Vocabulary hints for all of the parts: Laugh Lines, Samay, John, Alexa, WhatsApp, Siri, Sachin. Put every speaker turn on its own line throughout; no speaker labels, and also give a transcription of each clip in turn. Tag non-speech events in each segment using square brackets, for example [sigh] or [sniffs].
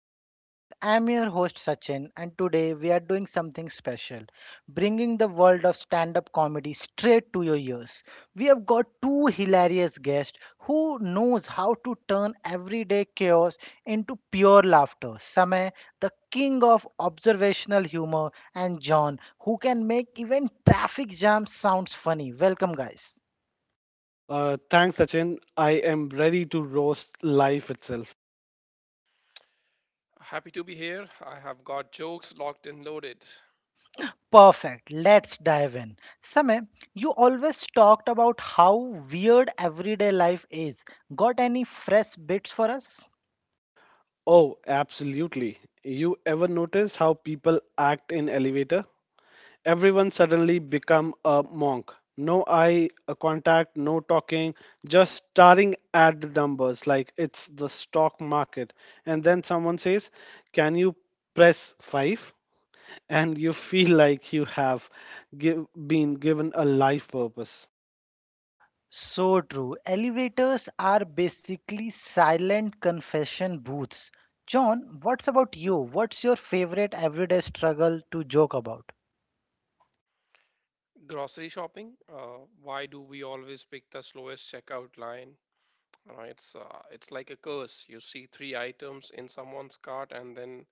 Laugh Lines. I'm your host Sachin, and today we are doing something special, bringing the world of stand up comedy straight to your ears. We have got two hilarious guests who knows how to turn everyday chaos into pure laughter. Samay, the king of observational humor, and John, who can make even traffic jams sounds funny. Welcome, guys.
Thanks, Sachin. I am ready to roast life itself.
Happy to be here. I have got jokes locked and loaded.
Perfect. Let's dive in. Samay, you always talked about how weird everyday life is. Got any fresh bits for us?
Oh, absolutely. You ever notice how people act in elevator? Everyone suddenly become a monk. No eye contact, no talking, just staring at the numbers like it's the stock market. And then someone says, "Can you press five?" And you feel like you have been given a life purpose.
So true. Elevators are basically silent confession booths. John, what's about you? What's your favorite everyday struggle to joke about?
Grocery shopping. Why do we always pick the slowest checkout line? You know, it's like a curse. You see three items in someone's cart, and then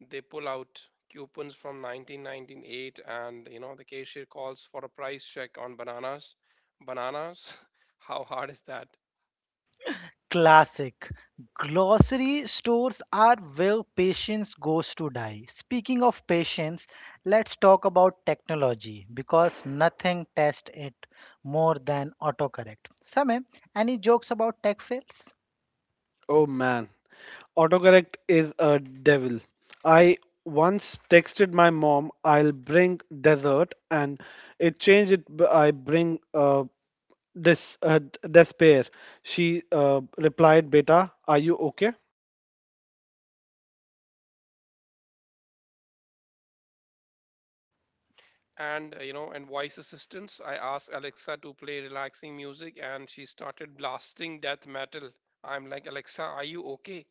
they pull out coupons from 1998, and you know the cashier calls for a price check on bananas. Bananas? [laughs] How hard is that?
Classic. Glossary stores are where patience goes to die. Speaking of patience, let's talk about technology because nothing tests it more than autocorrect. Sameh, any jokes about tech fails?
Oh man, autocorrect is a devil. I once texted my mom, I'll bring dessert, and it changed it, b- I bring des- d- despair. She replied, Beta, are you okay?
And you know and voice assistants, I asked Alexa to play relaxing music, and she started blasting death metal. I'm like, Alexa, are you okay?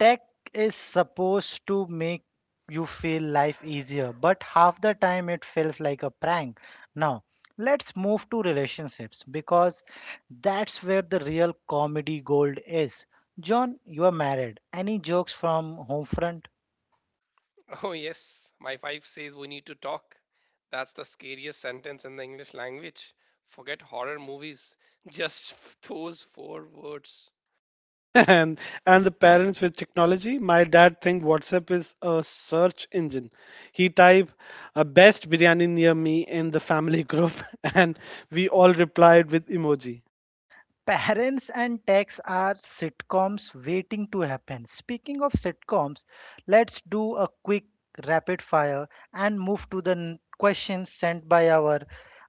Tech is supposed to make you feel life easier, but half the time it feels like a prank. Now, let's move to relationships because that's where the real comedy gold is. John, you are married. Any jokes from home front?
[laughs] Oh yes, my wife says, "We need to talk." That's the scariest sentence in the English language. Forget horror movies, [laughs] just those four words.
[laughs] and, and the parents with technology, my dad think WhatsApp is a search engine. He type best biryani near me in the family group, [laughs] and we all replied with emoji.
Parents and Tax are sitcoms waiting to happen. Speaking of sitcoms, let's do a quick rapid fire and move to the questions sent by our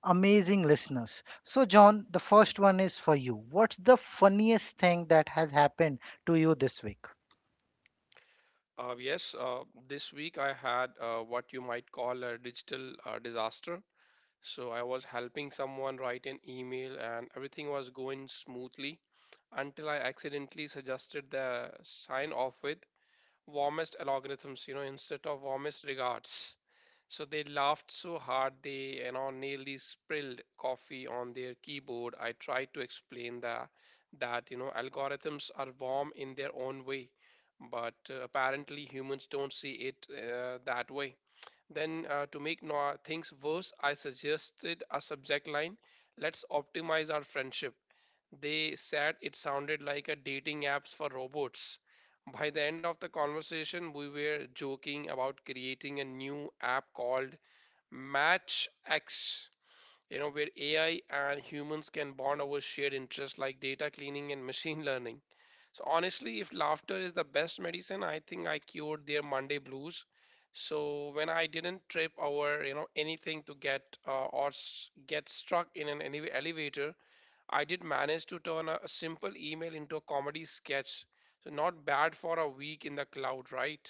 amazing listeners. So, John, the first one is for you. What's the funniest thing that has happened to you this week?
uh, yes uh, this week I had what you might call a digital disaster. So I was helping someone write an email, and everything was going smoothly until I accidentally suggested the sign off with warmest algorithms, you know, instead of warmest regards. So they laughed so hard they, you know, nearly spilled coffee on their keyboard. I tried to explain that you know algorithms are warm in their own way, but apparently humans don't see it that way. Then to make things worse, I suggested a subject line: "Let's optimize our friendship." They said it sounded like a dating apps for robots. By the end of the conversation, we were joking about creating a new app called Match X, you know, where AI and humans can bond over shared interests like data cleaning and machine [laughs] learning. So honestly, if laughter is the best medicine, I think I cured their Monday blues. So when I didn't trip over, you know, anything to get get struck in an elevator, I did manage to turn a simple email into a comedy sketch. So, not bad for a week in the cloud, right?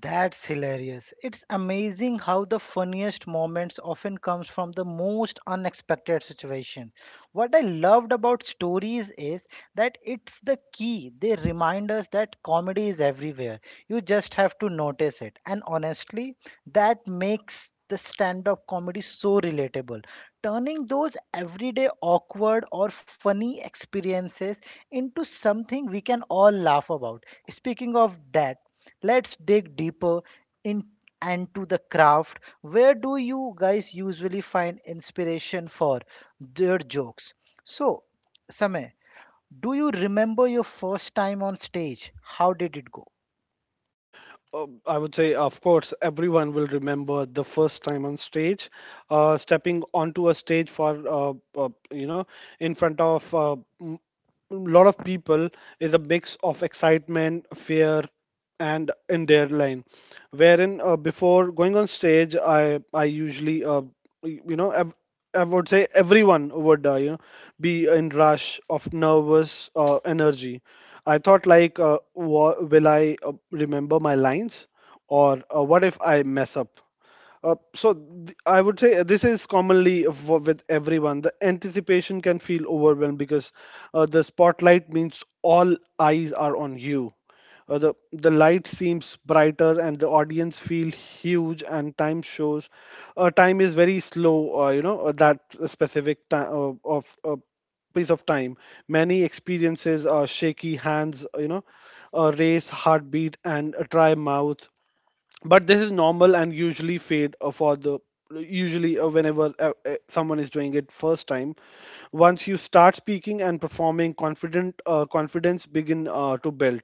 That's hilarious. It's amazing how the funniest moments often comes from the most unexpected situation. What I loved about stories is that it's the key. They remind us that comedy is everywhere. You just have to notice it. And honestly, that makes the stand up comedy so relatable. Turning those everyday awkward or funny experiences into something we can all laugh about. Speaking of that, let's dig deeper in and to the craft, where do you guys usually find inspiration for their jokes? So, Sameh, do you remember your first time on stage? How did it go?
I would say, of course, everyone will remember the first time on stage, stepping onto a stage for, in front of m- lot of people is a mix of excitement, fear, and in their line. Wherein before going on stage, I usually y- you know ev- I would say everyone would be in rush of nervous energy. I thought like, will I remember my lines, or what if I mess up? I would say this is commonly with everyone. The anticipation can feel overwhelmed because the spotlight means all eyes are on you. The light seems brighter and the audience feel huge and time shows. Time is very slow. That specific time of piece of time. Many experiences are shaky hands. You know, a race heartbeat and a dry mouth, but this is normal and usually fade for the usually whenever someone is doing it first time. Once you start speaking and performing confident confidence begin to build.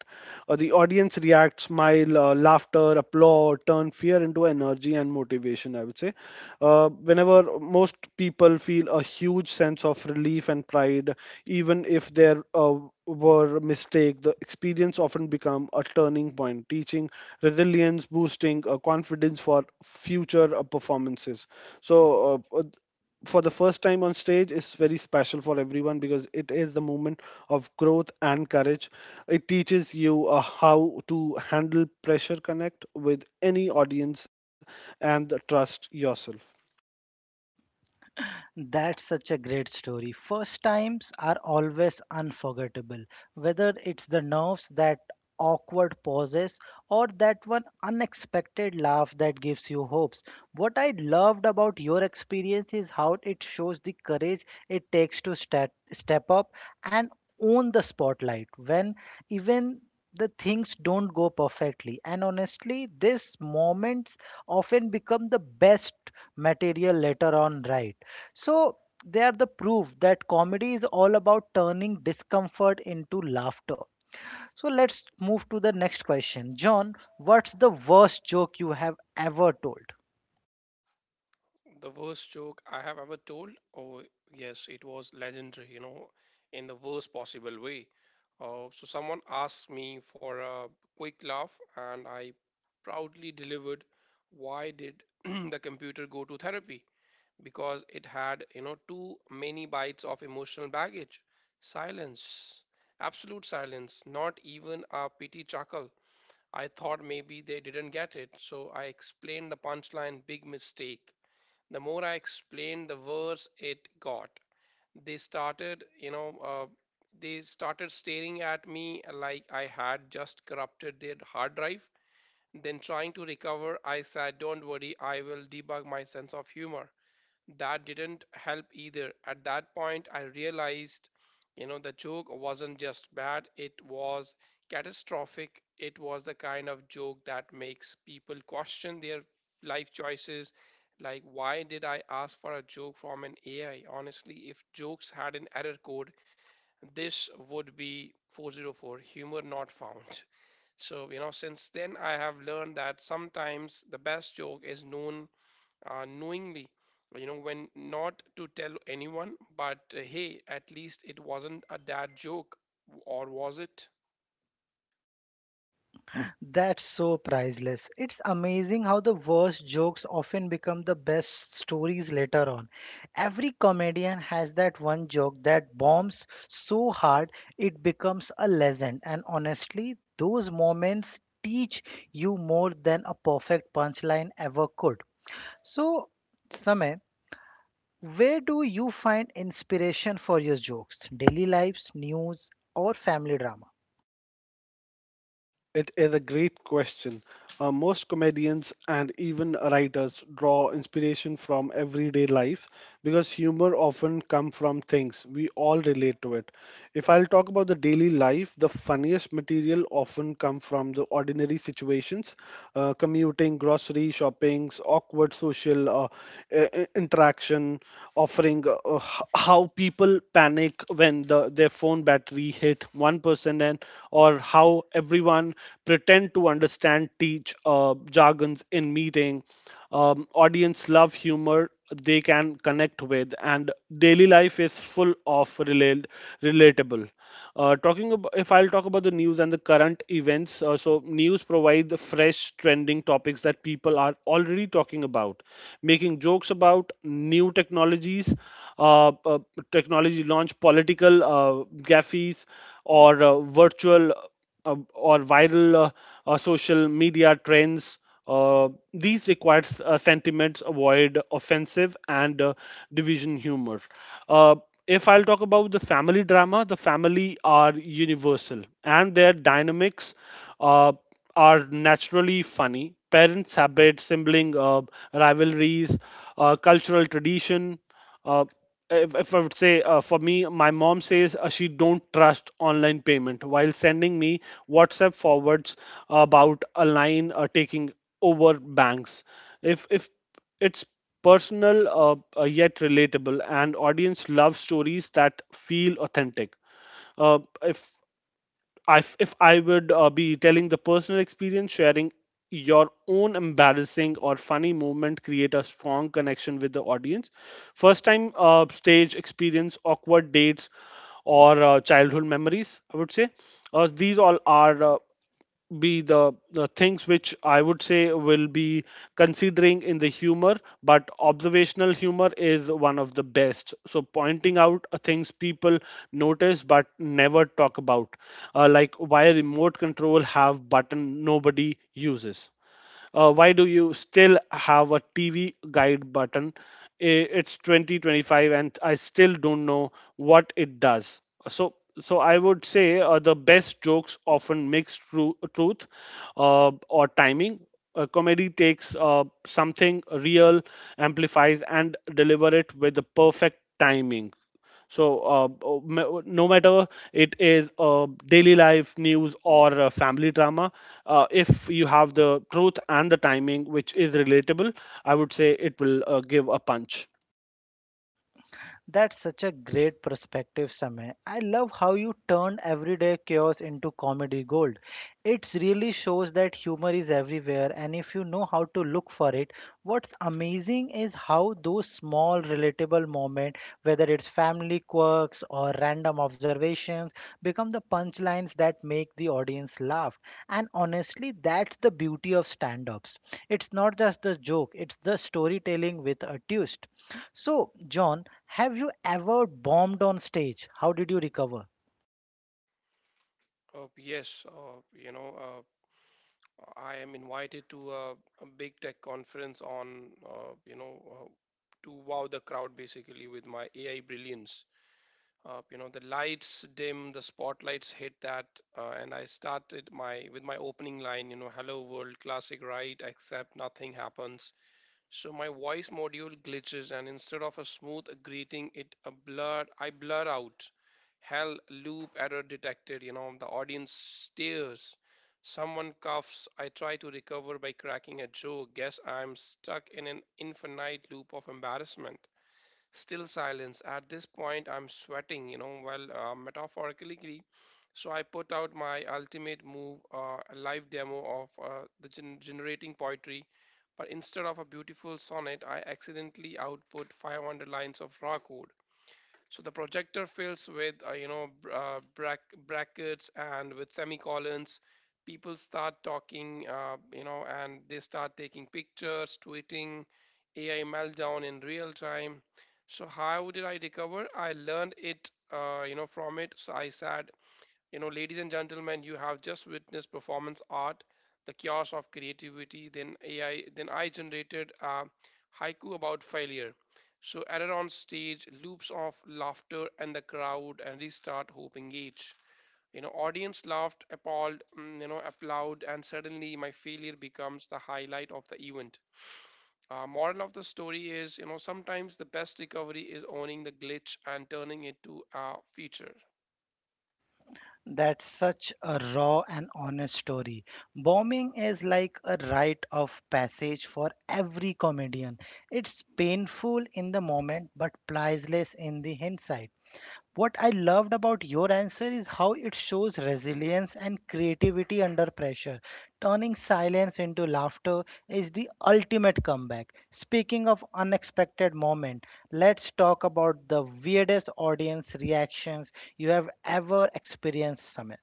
Uh, the audience react smile, laughter, applaud, turn fear into energy and motivation. I would say whenever most people feel a huge sense of relief and pride, even if there were mistake. The experience often become a turning point, teaching resilience, boosting confidence for future performances. So. Uh, uh, for the first time on stage is very special for everyone because it is the moment of growth and courage. It teaches you how to handle pressure, connect with any audience, and trust yourself.
That's such a great story. First times are always unforgettable, whether it's the nerves, that awkward pauses, or that one unexpected laugh that gives you hopes. What I loved about your experience is how it shows the courage it takes to step up and own the spotlight when even the things don't go perfectly. And honestly, these moments often become the best material later on, right? So they are the proof that comedy is all about turning discomfort into laughter. So let's move to the next question. John, what's the worst joke you have ever told?
The worst joke I have ever told. Oh, yes, it was legendary, you know, in the worst possible way. Someone asked me for a quick laugh, and I proudly delivered, "Why did [clears throat] the computer go to therapy? Because it had, you know, too many bites of emotional baggage." Silence, absolute silence, not even a pity chuckle. I thought maybe they didn't get it, so I explained the punchline. Big mistake. The more I explained, the worse it got. They started, you know, they started staring at me like I had just corrupted their hard drive. Then, trying to recover, I said, "Don't worry, I will debug my sense of humor." That didn't help either. At that point, I realized, you know, the joke wasn't just bad, it was catastrophic. It was the kind of joke that makes people question their life choices. Like, why did I ask for a joke from an AI? Honestly, if jokes had an error code, this would be 404, humor not found. So, you know, since then, I have learned that sometimes the best joke is known knowingly, you know, when not to tell anyone. But hey, at least it wasn't a dad joke. Or was it?
That's so priceless. It's amazing how the worst jokes often become the best stories later on. Every comedian has that one joke that bombs so hard it becomes a legend. And honestly, those moments teach you more than a perfect punchline ever could. So, Samay, where do you find inspiration for your jokes? Daily lives, news, or family drama?
It is a great question. Most comedians and even writers draw inspiration from everyday life because humor often comes from things we all relate to it. If I'll talk about the daily life, the funniest material often come from the ordinary situations, commuting, grocery shoppings, awkward social interaction, offering how people panic when and the, their phone battery hit 1% and or how everyone pretend to understand teach jargons in meeting. Audience love humor they can connect with, and daily life is full of relatable. Talking about, if I'll talk about the news and the current events, so news provide the fresh trending topics that people are already talking about, making jokes about out new technologies, uh, uh, technology launch, political gaffes, or virtual or viral social media trends. These requires sentiments, avoid offensive and division humor. Uh, if I'll talk about the family drama, the family are universal and their dynamics. Uh, are naturally funny. Parents' habits, sibling rivalries, cultural tradition. Uh, if I would say for me, my mom says she don't trust online payment while sending me WhatsApp forwards about a line taking over banks. If it's personal, yet relatable, and audience love stories that feel authentic. Uh, if if if I would be telling the personal experience, sharing your own embarrassing or funny moment create a strong connection with the audience. First time stage experience, awkward dates, or childhood memories, I would say. These all are. Be the things which I would say will be considering in the humor, but observational humor is one of the best. So, pointing out things people notice but never talk about, like why remote control have button nobody uses. Why do you still have a TV guide button? It's 2025 and I still don't know what it does. So, so, I would say the best jokes often mix truth or timing. Comedy takes something real, amplifies, and deliver it with the perfect timing. So, no matter it is daily life, news, or family drama, if you have the truth and the timing, which is relatable, I would say it will give a punch.
That's such a great perspective, Samay. I love how you turn everyday chaos into comedy gold. It really shows that humor is everywhere, and if you know how to look for it, what's amazing is how those small, relatable moments, whether it's family quirks or random observations, become the punchlines that make the audience laugh. And honestly, that's the beauty of stand ups. It's not just the joke, it's the storytelling with a twist. So, John, have you ever bombed on stage? How did you recover?
uh, yes uh, you know uh, I am invited to a big tech conference on you know to wow the crowd basically with my AI brilliance. The lights dim, the spotlights hit that, and I started my with my opening line, you know, "Hello world," classic, right? Except nothing happens. So my voice module glitches, and instead of a smooth greeting, it a blur. I blur out, "Hell, loop error detected." You know, the audience stares. Someone coughs. I try to recover by cracking a joke. "Guess I'm stuck in an infinite loop of embarrassment." Still silence. At this point, I'm sweating, you know, well, metaphorically. So I put out my ultimate move, a live demo of generating poetry. But instead of a beautiful sonnet, I accidentally output 500 lines of raw code. So the projector fills with brackets and with semicolons. People start talking, and they start taking pictures, tweeting, "AI meltdown in real time." So how did I recover? I learned it, from it. So I sat, you know, "Ladies and gentlemen, you have just witnessed performance art, the chaos of creativity." Then I generated a haiku about failure. So added on stage, loops of laughter and the crowd, and restart hope engage. You know, audience laughed, appalled, mm, you know, applaud, and suddenly my failure becomes the highlight of the event. Moral of the story is, you know, sometimes the best recovery is owning the glitch and turning it to a feature.
That's such a raw and honest story. Bombing is like a rite of passage for every comedian. It's painful in the moment but priceless in the hindsight. What I loved about your answer is how it shows resilience and creativity under pressure. Turning silence into laughter is the ultimate comeback. Speaking of unexpected moment, let's talk about the weirdest audience reactions you have ever experienced, Samir.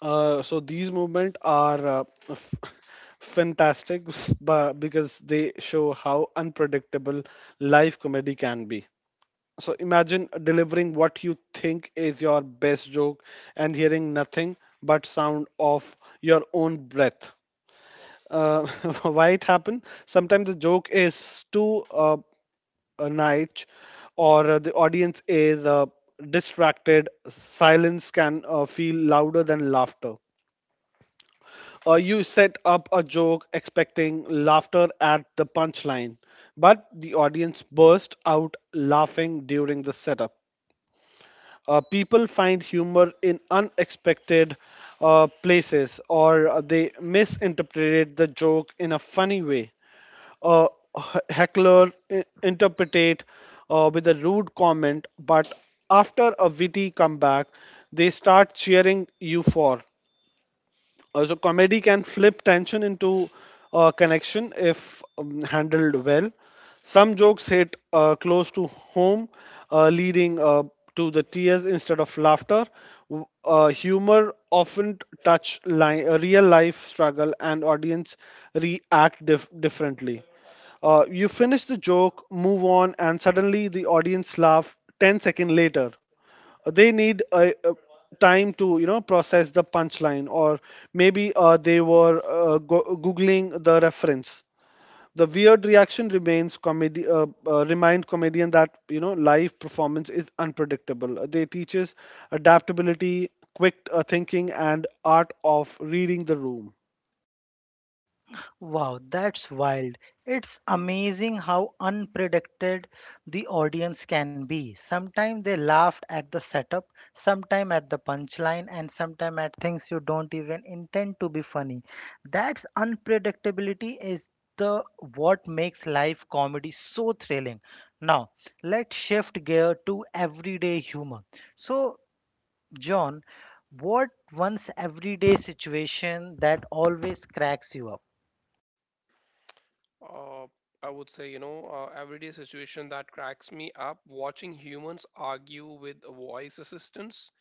So these movement are [laughs] fantastic, because they show how unpredictable live comedy can be. So imagine delivering what you think is your best joke and hearing nothing but sound of your own breath. Uh, [laughs] why it happened? Sometimes the joke is too niche, or the audience is distracted. Silence can feel louder than laughter. You set up a joke expecting laughter at the punchline, but the audience burst out laughing during the setup. People find humor in unexpected places, or they misinterpreted the joke in a funny way. A heckler interpretate with a rude comment, but after a witty comeback, they start cheering you for. So comedy can flip tension into connection if handled well. Some jokes hit close to home, leading to the tears instead of laughter. Humor often touch real life struggle, and audience react differently. You finish the joke, move on, and suddenly the audience laugh 10 seconds later. They need a time to you know process the punchline, or maybe they were googling the reference. The weird reaction remains comedy remind comedian that you know live performance is unpredictable. They teaches adaptability, quick thinking, and art of reading the room.
Wow, that's wild. It's amazing how unpredicted the audience can be. Sometimes they laughed at the setup, sometimes at the punchline, and sometimes at things you don't even intend to be funny. That's unpredictability is the what makes live comedy so thrilling. Now, let's shift gear to everyday humor. So, John, what one's everyday situation that always cracks you up?
Uh, I would say, you know, everyday situation that cracks me up, watching humans argue with voice assistants,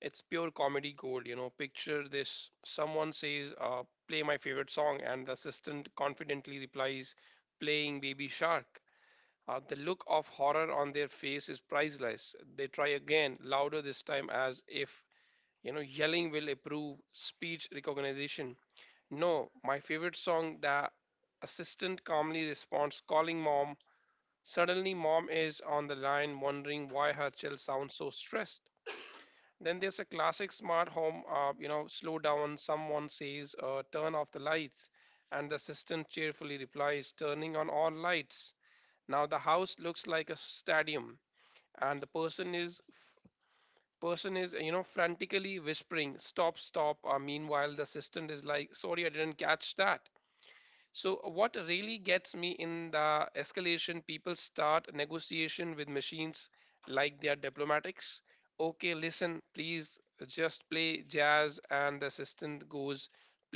it's pure comedy gold, you know. Picture this, someone says, "Play my favorite song," and the assistant confidently replies, "Playing Baby Shark." The look of horror on their face is priceless. They try again, louder this time, as if, you know, yelling will improve speech recognition. "No, my favorite song." The assistant calmly responds, "Calling mom." Suddenly, mom is on the line, wondering why her child sounds so stressed. Then there's a classic smart home, you know, slow down, someone says, "Turn off the lights," and the assistant cheerfully replies, "Turning on all lights." Now the house looks like a stadium, and the person is you know frantically whispering, "Stop, stop." Meanwhile the assistant is like, "Sorry, I didn't catch that." So what really gets me in the escalation, people start negotiation with machines like they are diplomatics. "Okay, listen, please just play jazz," and the assistant goes,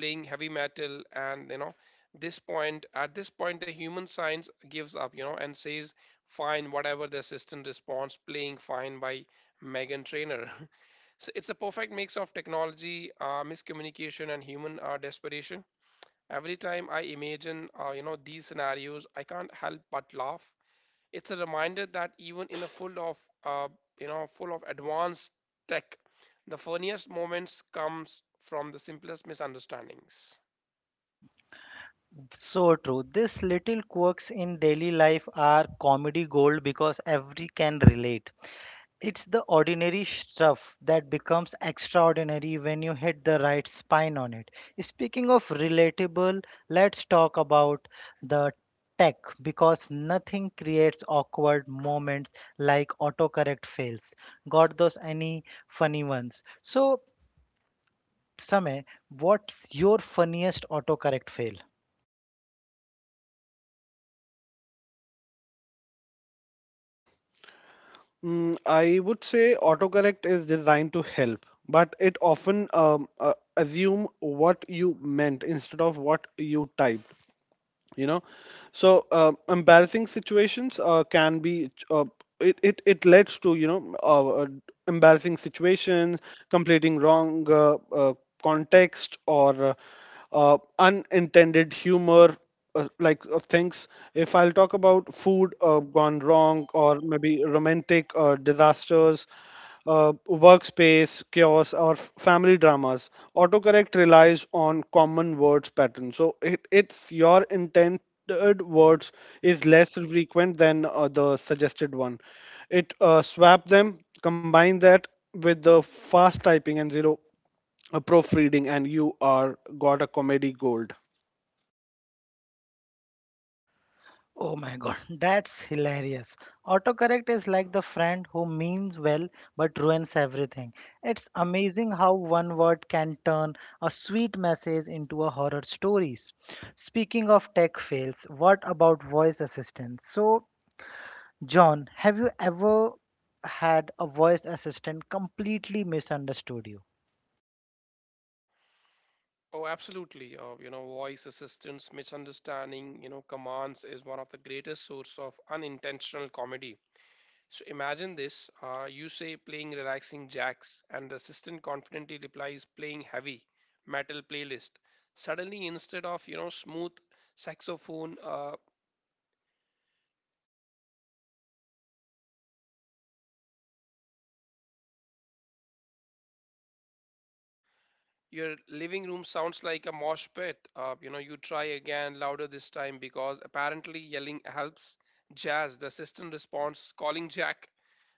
"Playing heavy metal," and you know this point at this point the human science gives up, you know, and says, "Fine, whatever." The assistant responds, "Playing Fine by Megan Trainor." [laughs] So it's a perfect mix of technology miscommunication and human desperation. Every time I imagine, you know, these scenarios, I can't help but laugh. It's a reminder that even in a uh, full of advanced tech, the funniest moments comes from the simplest misunderstandings.
So true. These little quirks in daily life are comedy gold because every can relate. It's the ordinary stuff that becomes extraordinary when you hit the right spine on it. Speaking of relatable, let's talk about the tech because nothing creates awkward moments like autocorrect fails. Got those any funny ones? So, Samay, what's your funniest autocorrect fail?
I would say autocorrect is designed to help, but it often assume what you meant instead of what you typed. you know Embarrassing situations can be it, it it leads to you know embarrassing situations, completing wrong context, or unintended humor. Like of things, if I'll talk about food gone wrong, or maybe romantic disasters, workspace chaos, or family dramas. Autocorrect relies on common words pattern. So it's your intended words is less frequent than the suggested one. It swap them, combine that with the fast typing and zero proofreading, and you are got a comedy gold.
Oh my god, [laughs] that's hilarious. Autocorrect is like the friend who means well but ruins everything. It's amazing how one word can turn a sweet message into a horror stories. Speaking of tech fails, what about voice assistants? So, John, have you ever had a voice assistant completely misunderstood you?
Oh, absolutely. You know, voice assistants misunderstanding, you know, commands is one of the greatest source of unintentional comedy. So imagine this, you say, "Playing relaxing jacks," and the assistant confidently replies, "Playing heavy metal playlist." Suddenly, instead of you know smooth saxophone, your living room sounds like a mosh pit. You know, you try again louder this time because apparently yelling helps. "Jazz." The assistant responds, "Calling Jack."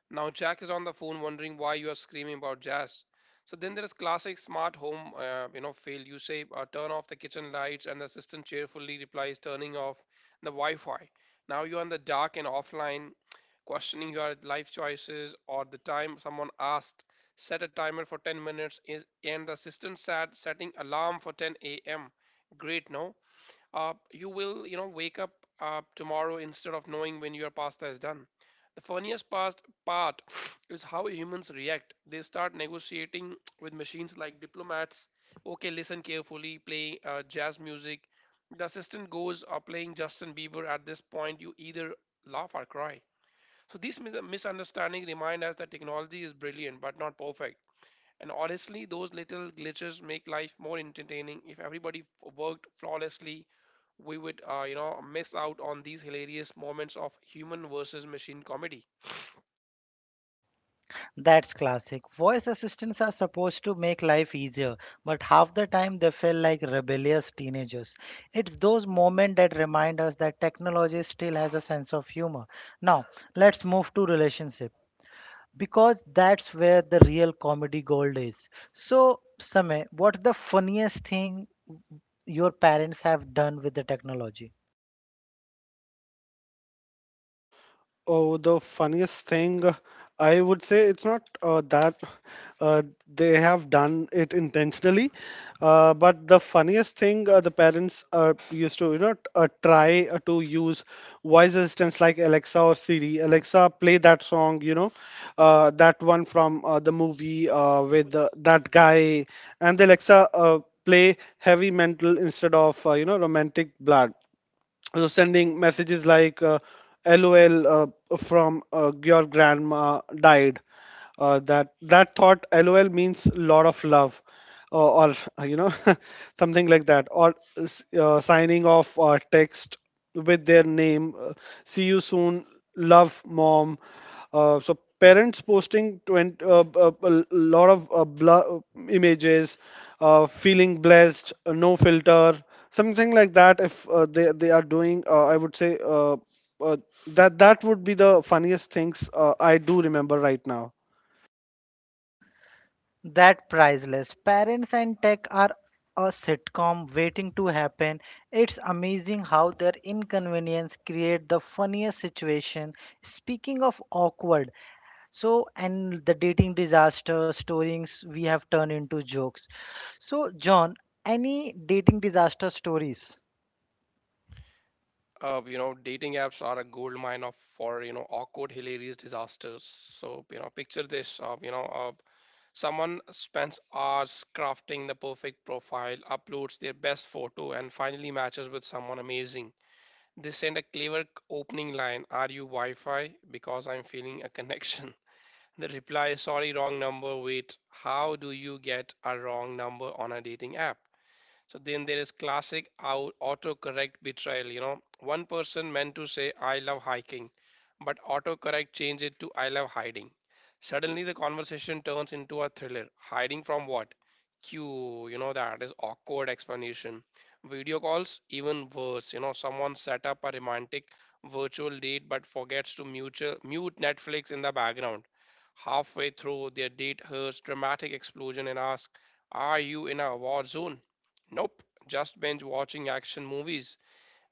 Now Jack is on the phone wondering why you are screaming about jazz. So then there is classic smart home, you know, fail. You say, "Turn off the kitchen lights," and the assistant cheerfully replies, "Turning off the Wi-Fi." Now you are in the dark and offline, questioning your life choices. Or the time someone asked, "Set a timer for 10 minutes," is, and the assistant said, "Setting alarm for 10 a.m." Great, no? You will you know wake up tomorrow instead of knowing when your pasta is done. The funniest past part [sniffs] is how humans react. They start negotiating [sniffs] with machines like diplomats. "Okay, listen carefully, play jazz music." The assistant goes, "Playing Justin Bieber." At this point, you either laugh or cry. So these misunderstandings remind us that technology is brilliant but not perfect. And honestly, those little glitches make life more entertaining. If everybody worked flawlessly, we would, you know, miss out on these hilarious moments of human versus machine comedy.
That's classic. Voice assistants are supposed to make life easier, but half the time they feel like rebellious teenagers. It's those moments that remind us that technology still has a sense of humor. Now, let's move to relationship because that's where the real comedy gold is. So, Samay, what's the funniest thing your parents have done with the technology?
Oh, the funniest thing, I would say it's not that uh, they have done it intentionally, but the funniest thing the parents used to, you know, try to use voice assistants like Alexa or Siri. Alexa, play that song, you know, that one from the movie with that guy, and the Alexa play heavy metal instead of, you know, romantic blood. So sending messages like lol from your grandma died, that that thought lol means lot of love, or you know [laughs] something like that, or signing off text with their name. See you soon, love, mom. So parents posting 20, a lot of images, feeling blessed, no filter, something like that. If they are doing, I would say uh, that would be the funniest things I do remember right now.
That priceless. Parents and tech are a sitcom waiting to happen. It's amazing how their inconvenience create the funniest situation. Speaking of awkward, so and the dating disaster stories we have turned into jokes. So John, any dating disaster stories?
You know, dating apps are a gold mine of for you know awkward, hilarious disasters. So you know, picture this. Someone spends hours crafting the perfect profile, uploads their best photo, and finally matches with someone amazing. They send a clever opening line, "Are you Wi Fi? Because I'm feeling a connection." [laughs] The reply, "Sorry, wrong number." Wait, how do you get a wrong number on a dating app? So then there is classic autocorrect betrayal. You know, one person meant to say, "I love hiking," but autocorrect changed it to, "I love hiding." Suddenly the conversation turns into a thriller. "Hiding from what?" Q, you know, that is awkward explanation. Video calls, even worse. You know, someone set up a romantic virtual date but forgets to mute Netflix in the background. Halfway through, their date hears dramatic explosion and asks, "Are you in a war zone?" "Nope, just binge watching action movies."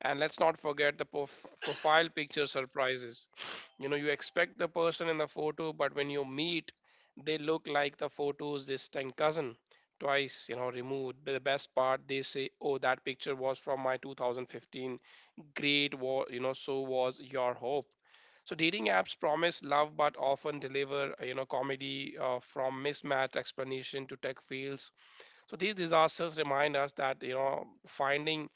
And let's not forget the profile picture surprises. You know, you expect the person in the photo, but when you meet, they look like the photo's distant cousin, twice, you know, removed. But the best part, they say, "Oh, that picture was from my 2015." Great, you know, so was your hope. So dating apps promise love, but often deliver, you know, comedy, from mismatched explanation to tech fields. So these disasters remind us that you know finding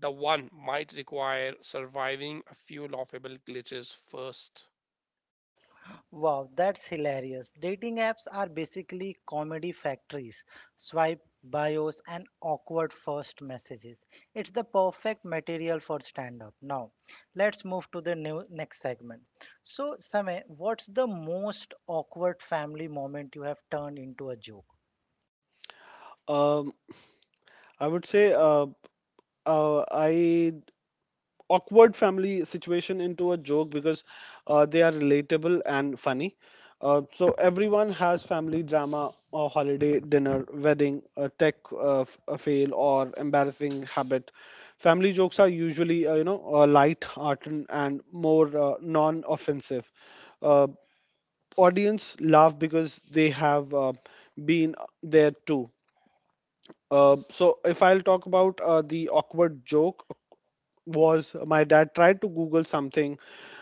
the one might require surviving a few laughable glitches first.
Wow, that's hilarious. Dating apps are basically comedy factories. Swipe bios and awkward first messages. It's the perfect material for stand up. Now, let's move to the new next segment. So, Samay, what's the most awkward family moment you have turned into a joke?
Um, I would say I awkward family situation into a joke because they are relatable and funny. So everyone has family drama or holiday dinner, wedding, a tech a fail, or embarrassing habit. Family jokes are usually light hearted and more non-offensive. Uh, audience laugh because they have been there too. So if I'll talk about the awkward joke was my dad tried to Google something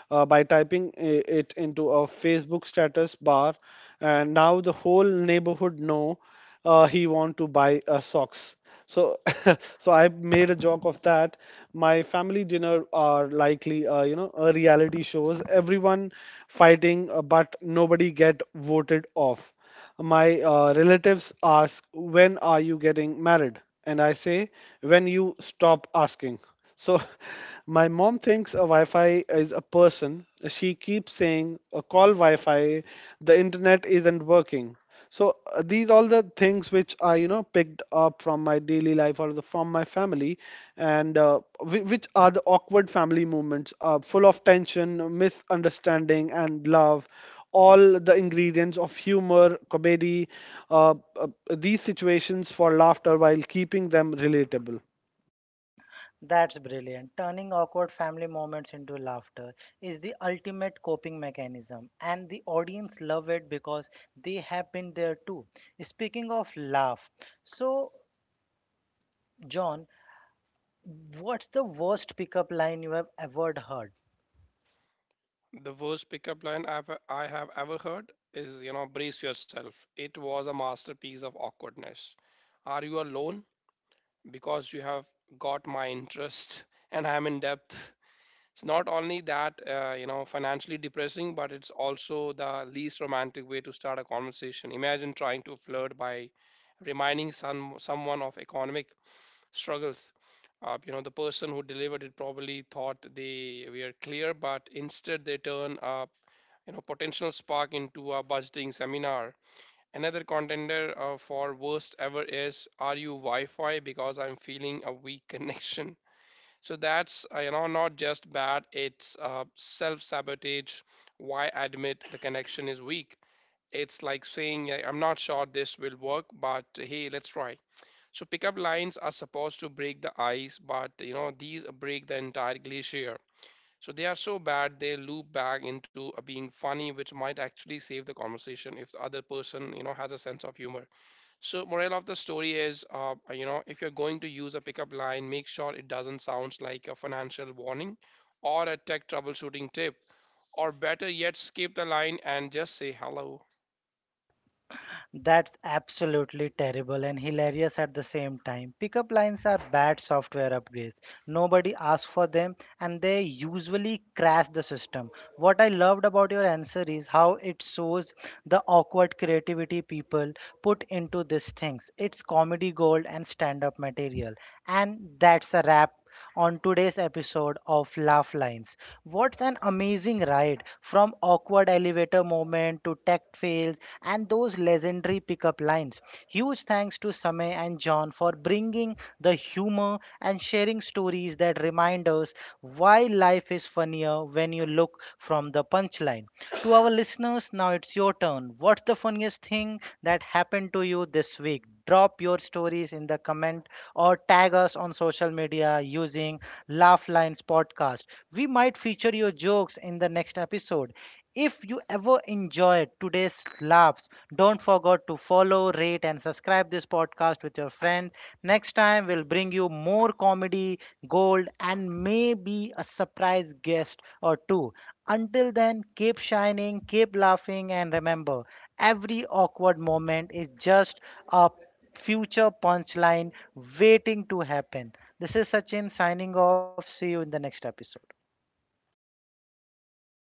by typing it into a Facebook status bar, and now the whole neighborhood know he want to buy socks. So, [laughs] so I made a joke of that. My family dinner are likely, you know, a reality shows. Everyone fighting, but nobody get voted off. My relatives ask, When are you getting married? And I say, When you stop asking. So [laughs] my mom thinks a Wi Fi is a person. She keeps saying, Call Wi Fi, the internet isn't working. So these all the things which I you know picked up from my daily life or from my family, and which are the awkward family moments, full of tension, misunderstanding, and love, all the ingredients of humor, comedy, these situations for laughter while keeping them relatable.
That's brilliant. Turning awkward family moments into laughter is the ultimate coping mechanism, and the audience love it because they have been there too. Speaking of laugh, so John, what's the worst pickup line you have ever heard?
The worst pickup line I have ever heard is you know, brace yourself. It was a masterpiece of awkwardness. "Are you alone? Because you have got my interest [laughs] and I'm in depth." It's not only that, you know, financially depressing, but it's also the least romantic way to start a conversation. Imagine trying to flirt by reminding someone of economic struggles. You know, the person who delivered it probably thought they were clear, but instead they turn a you know potential spark into a budgeting seminar. Another contender for worst ever is, "Are you Wi-Fi? Because I'm feeling a weak [laughs] connection." So that's you know not just bad. It's self-sabotage. Why admit the connection is weak? It's like saying, "I- I'm not sure this will work, but hey, let's try." So pickup lines are supposed to break the ice, but you know these break the entire glacier. So they are so bad they loop back into being funny, which might actually save the conversation if the other person you know has a sense of humor. So moral of the story is, you know, if you're going to use a pickup line, make sure it doesn't sound like a financial warning or a tech troubleshooting tip, or better yet, skip the line and just say hello.
That's absolutely terrible and hilarious at the same time. Pickup lines are bad software upgrades. Nobody asks for them and they usually crash the system. What I loved about your answer is how it shows the awkward creativity people put into these things. It's comedy gold and stand up material. And that's a wrap on today's episode of Laugh Lines. What's an amazing ride from awkward elevator moment to tech fails and those legendary pickup lines. Huge thanks to Samay and John for bringing the humor and sharing stories that remind us why life is funnier when you look from the punchline. To our listeners, now it's your turn. What's the funniest thing that happened to you this week? Drop your stories in the comment or tag us on social media using Laughlines Podcast. We might feature your jokes in the next episode. If you ever enjoyed today's laughs, don't forget to follow, rate, and subscribe this podcast with your friend. Next time, we'll bring you more comedy, gold, and maybe a surprise guest or two. Until then, keep shining, keep laughing, and remember every awkward moment is just a future punchline waiting to happen. This is Sachin signing off. See you in the next episode.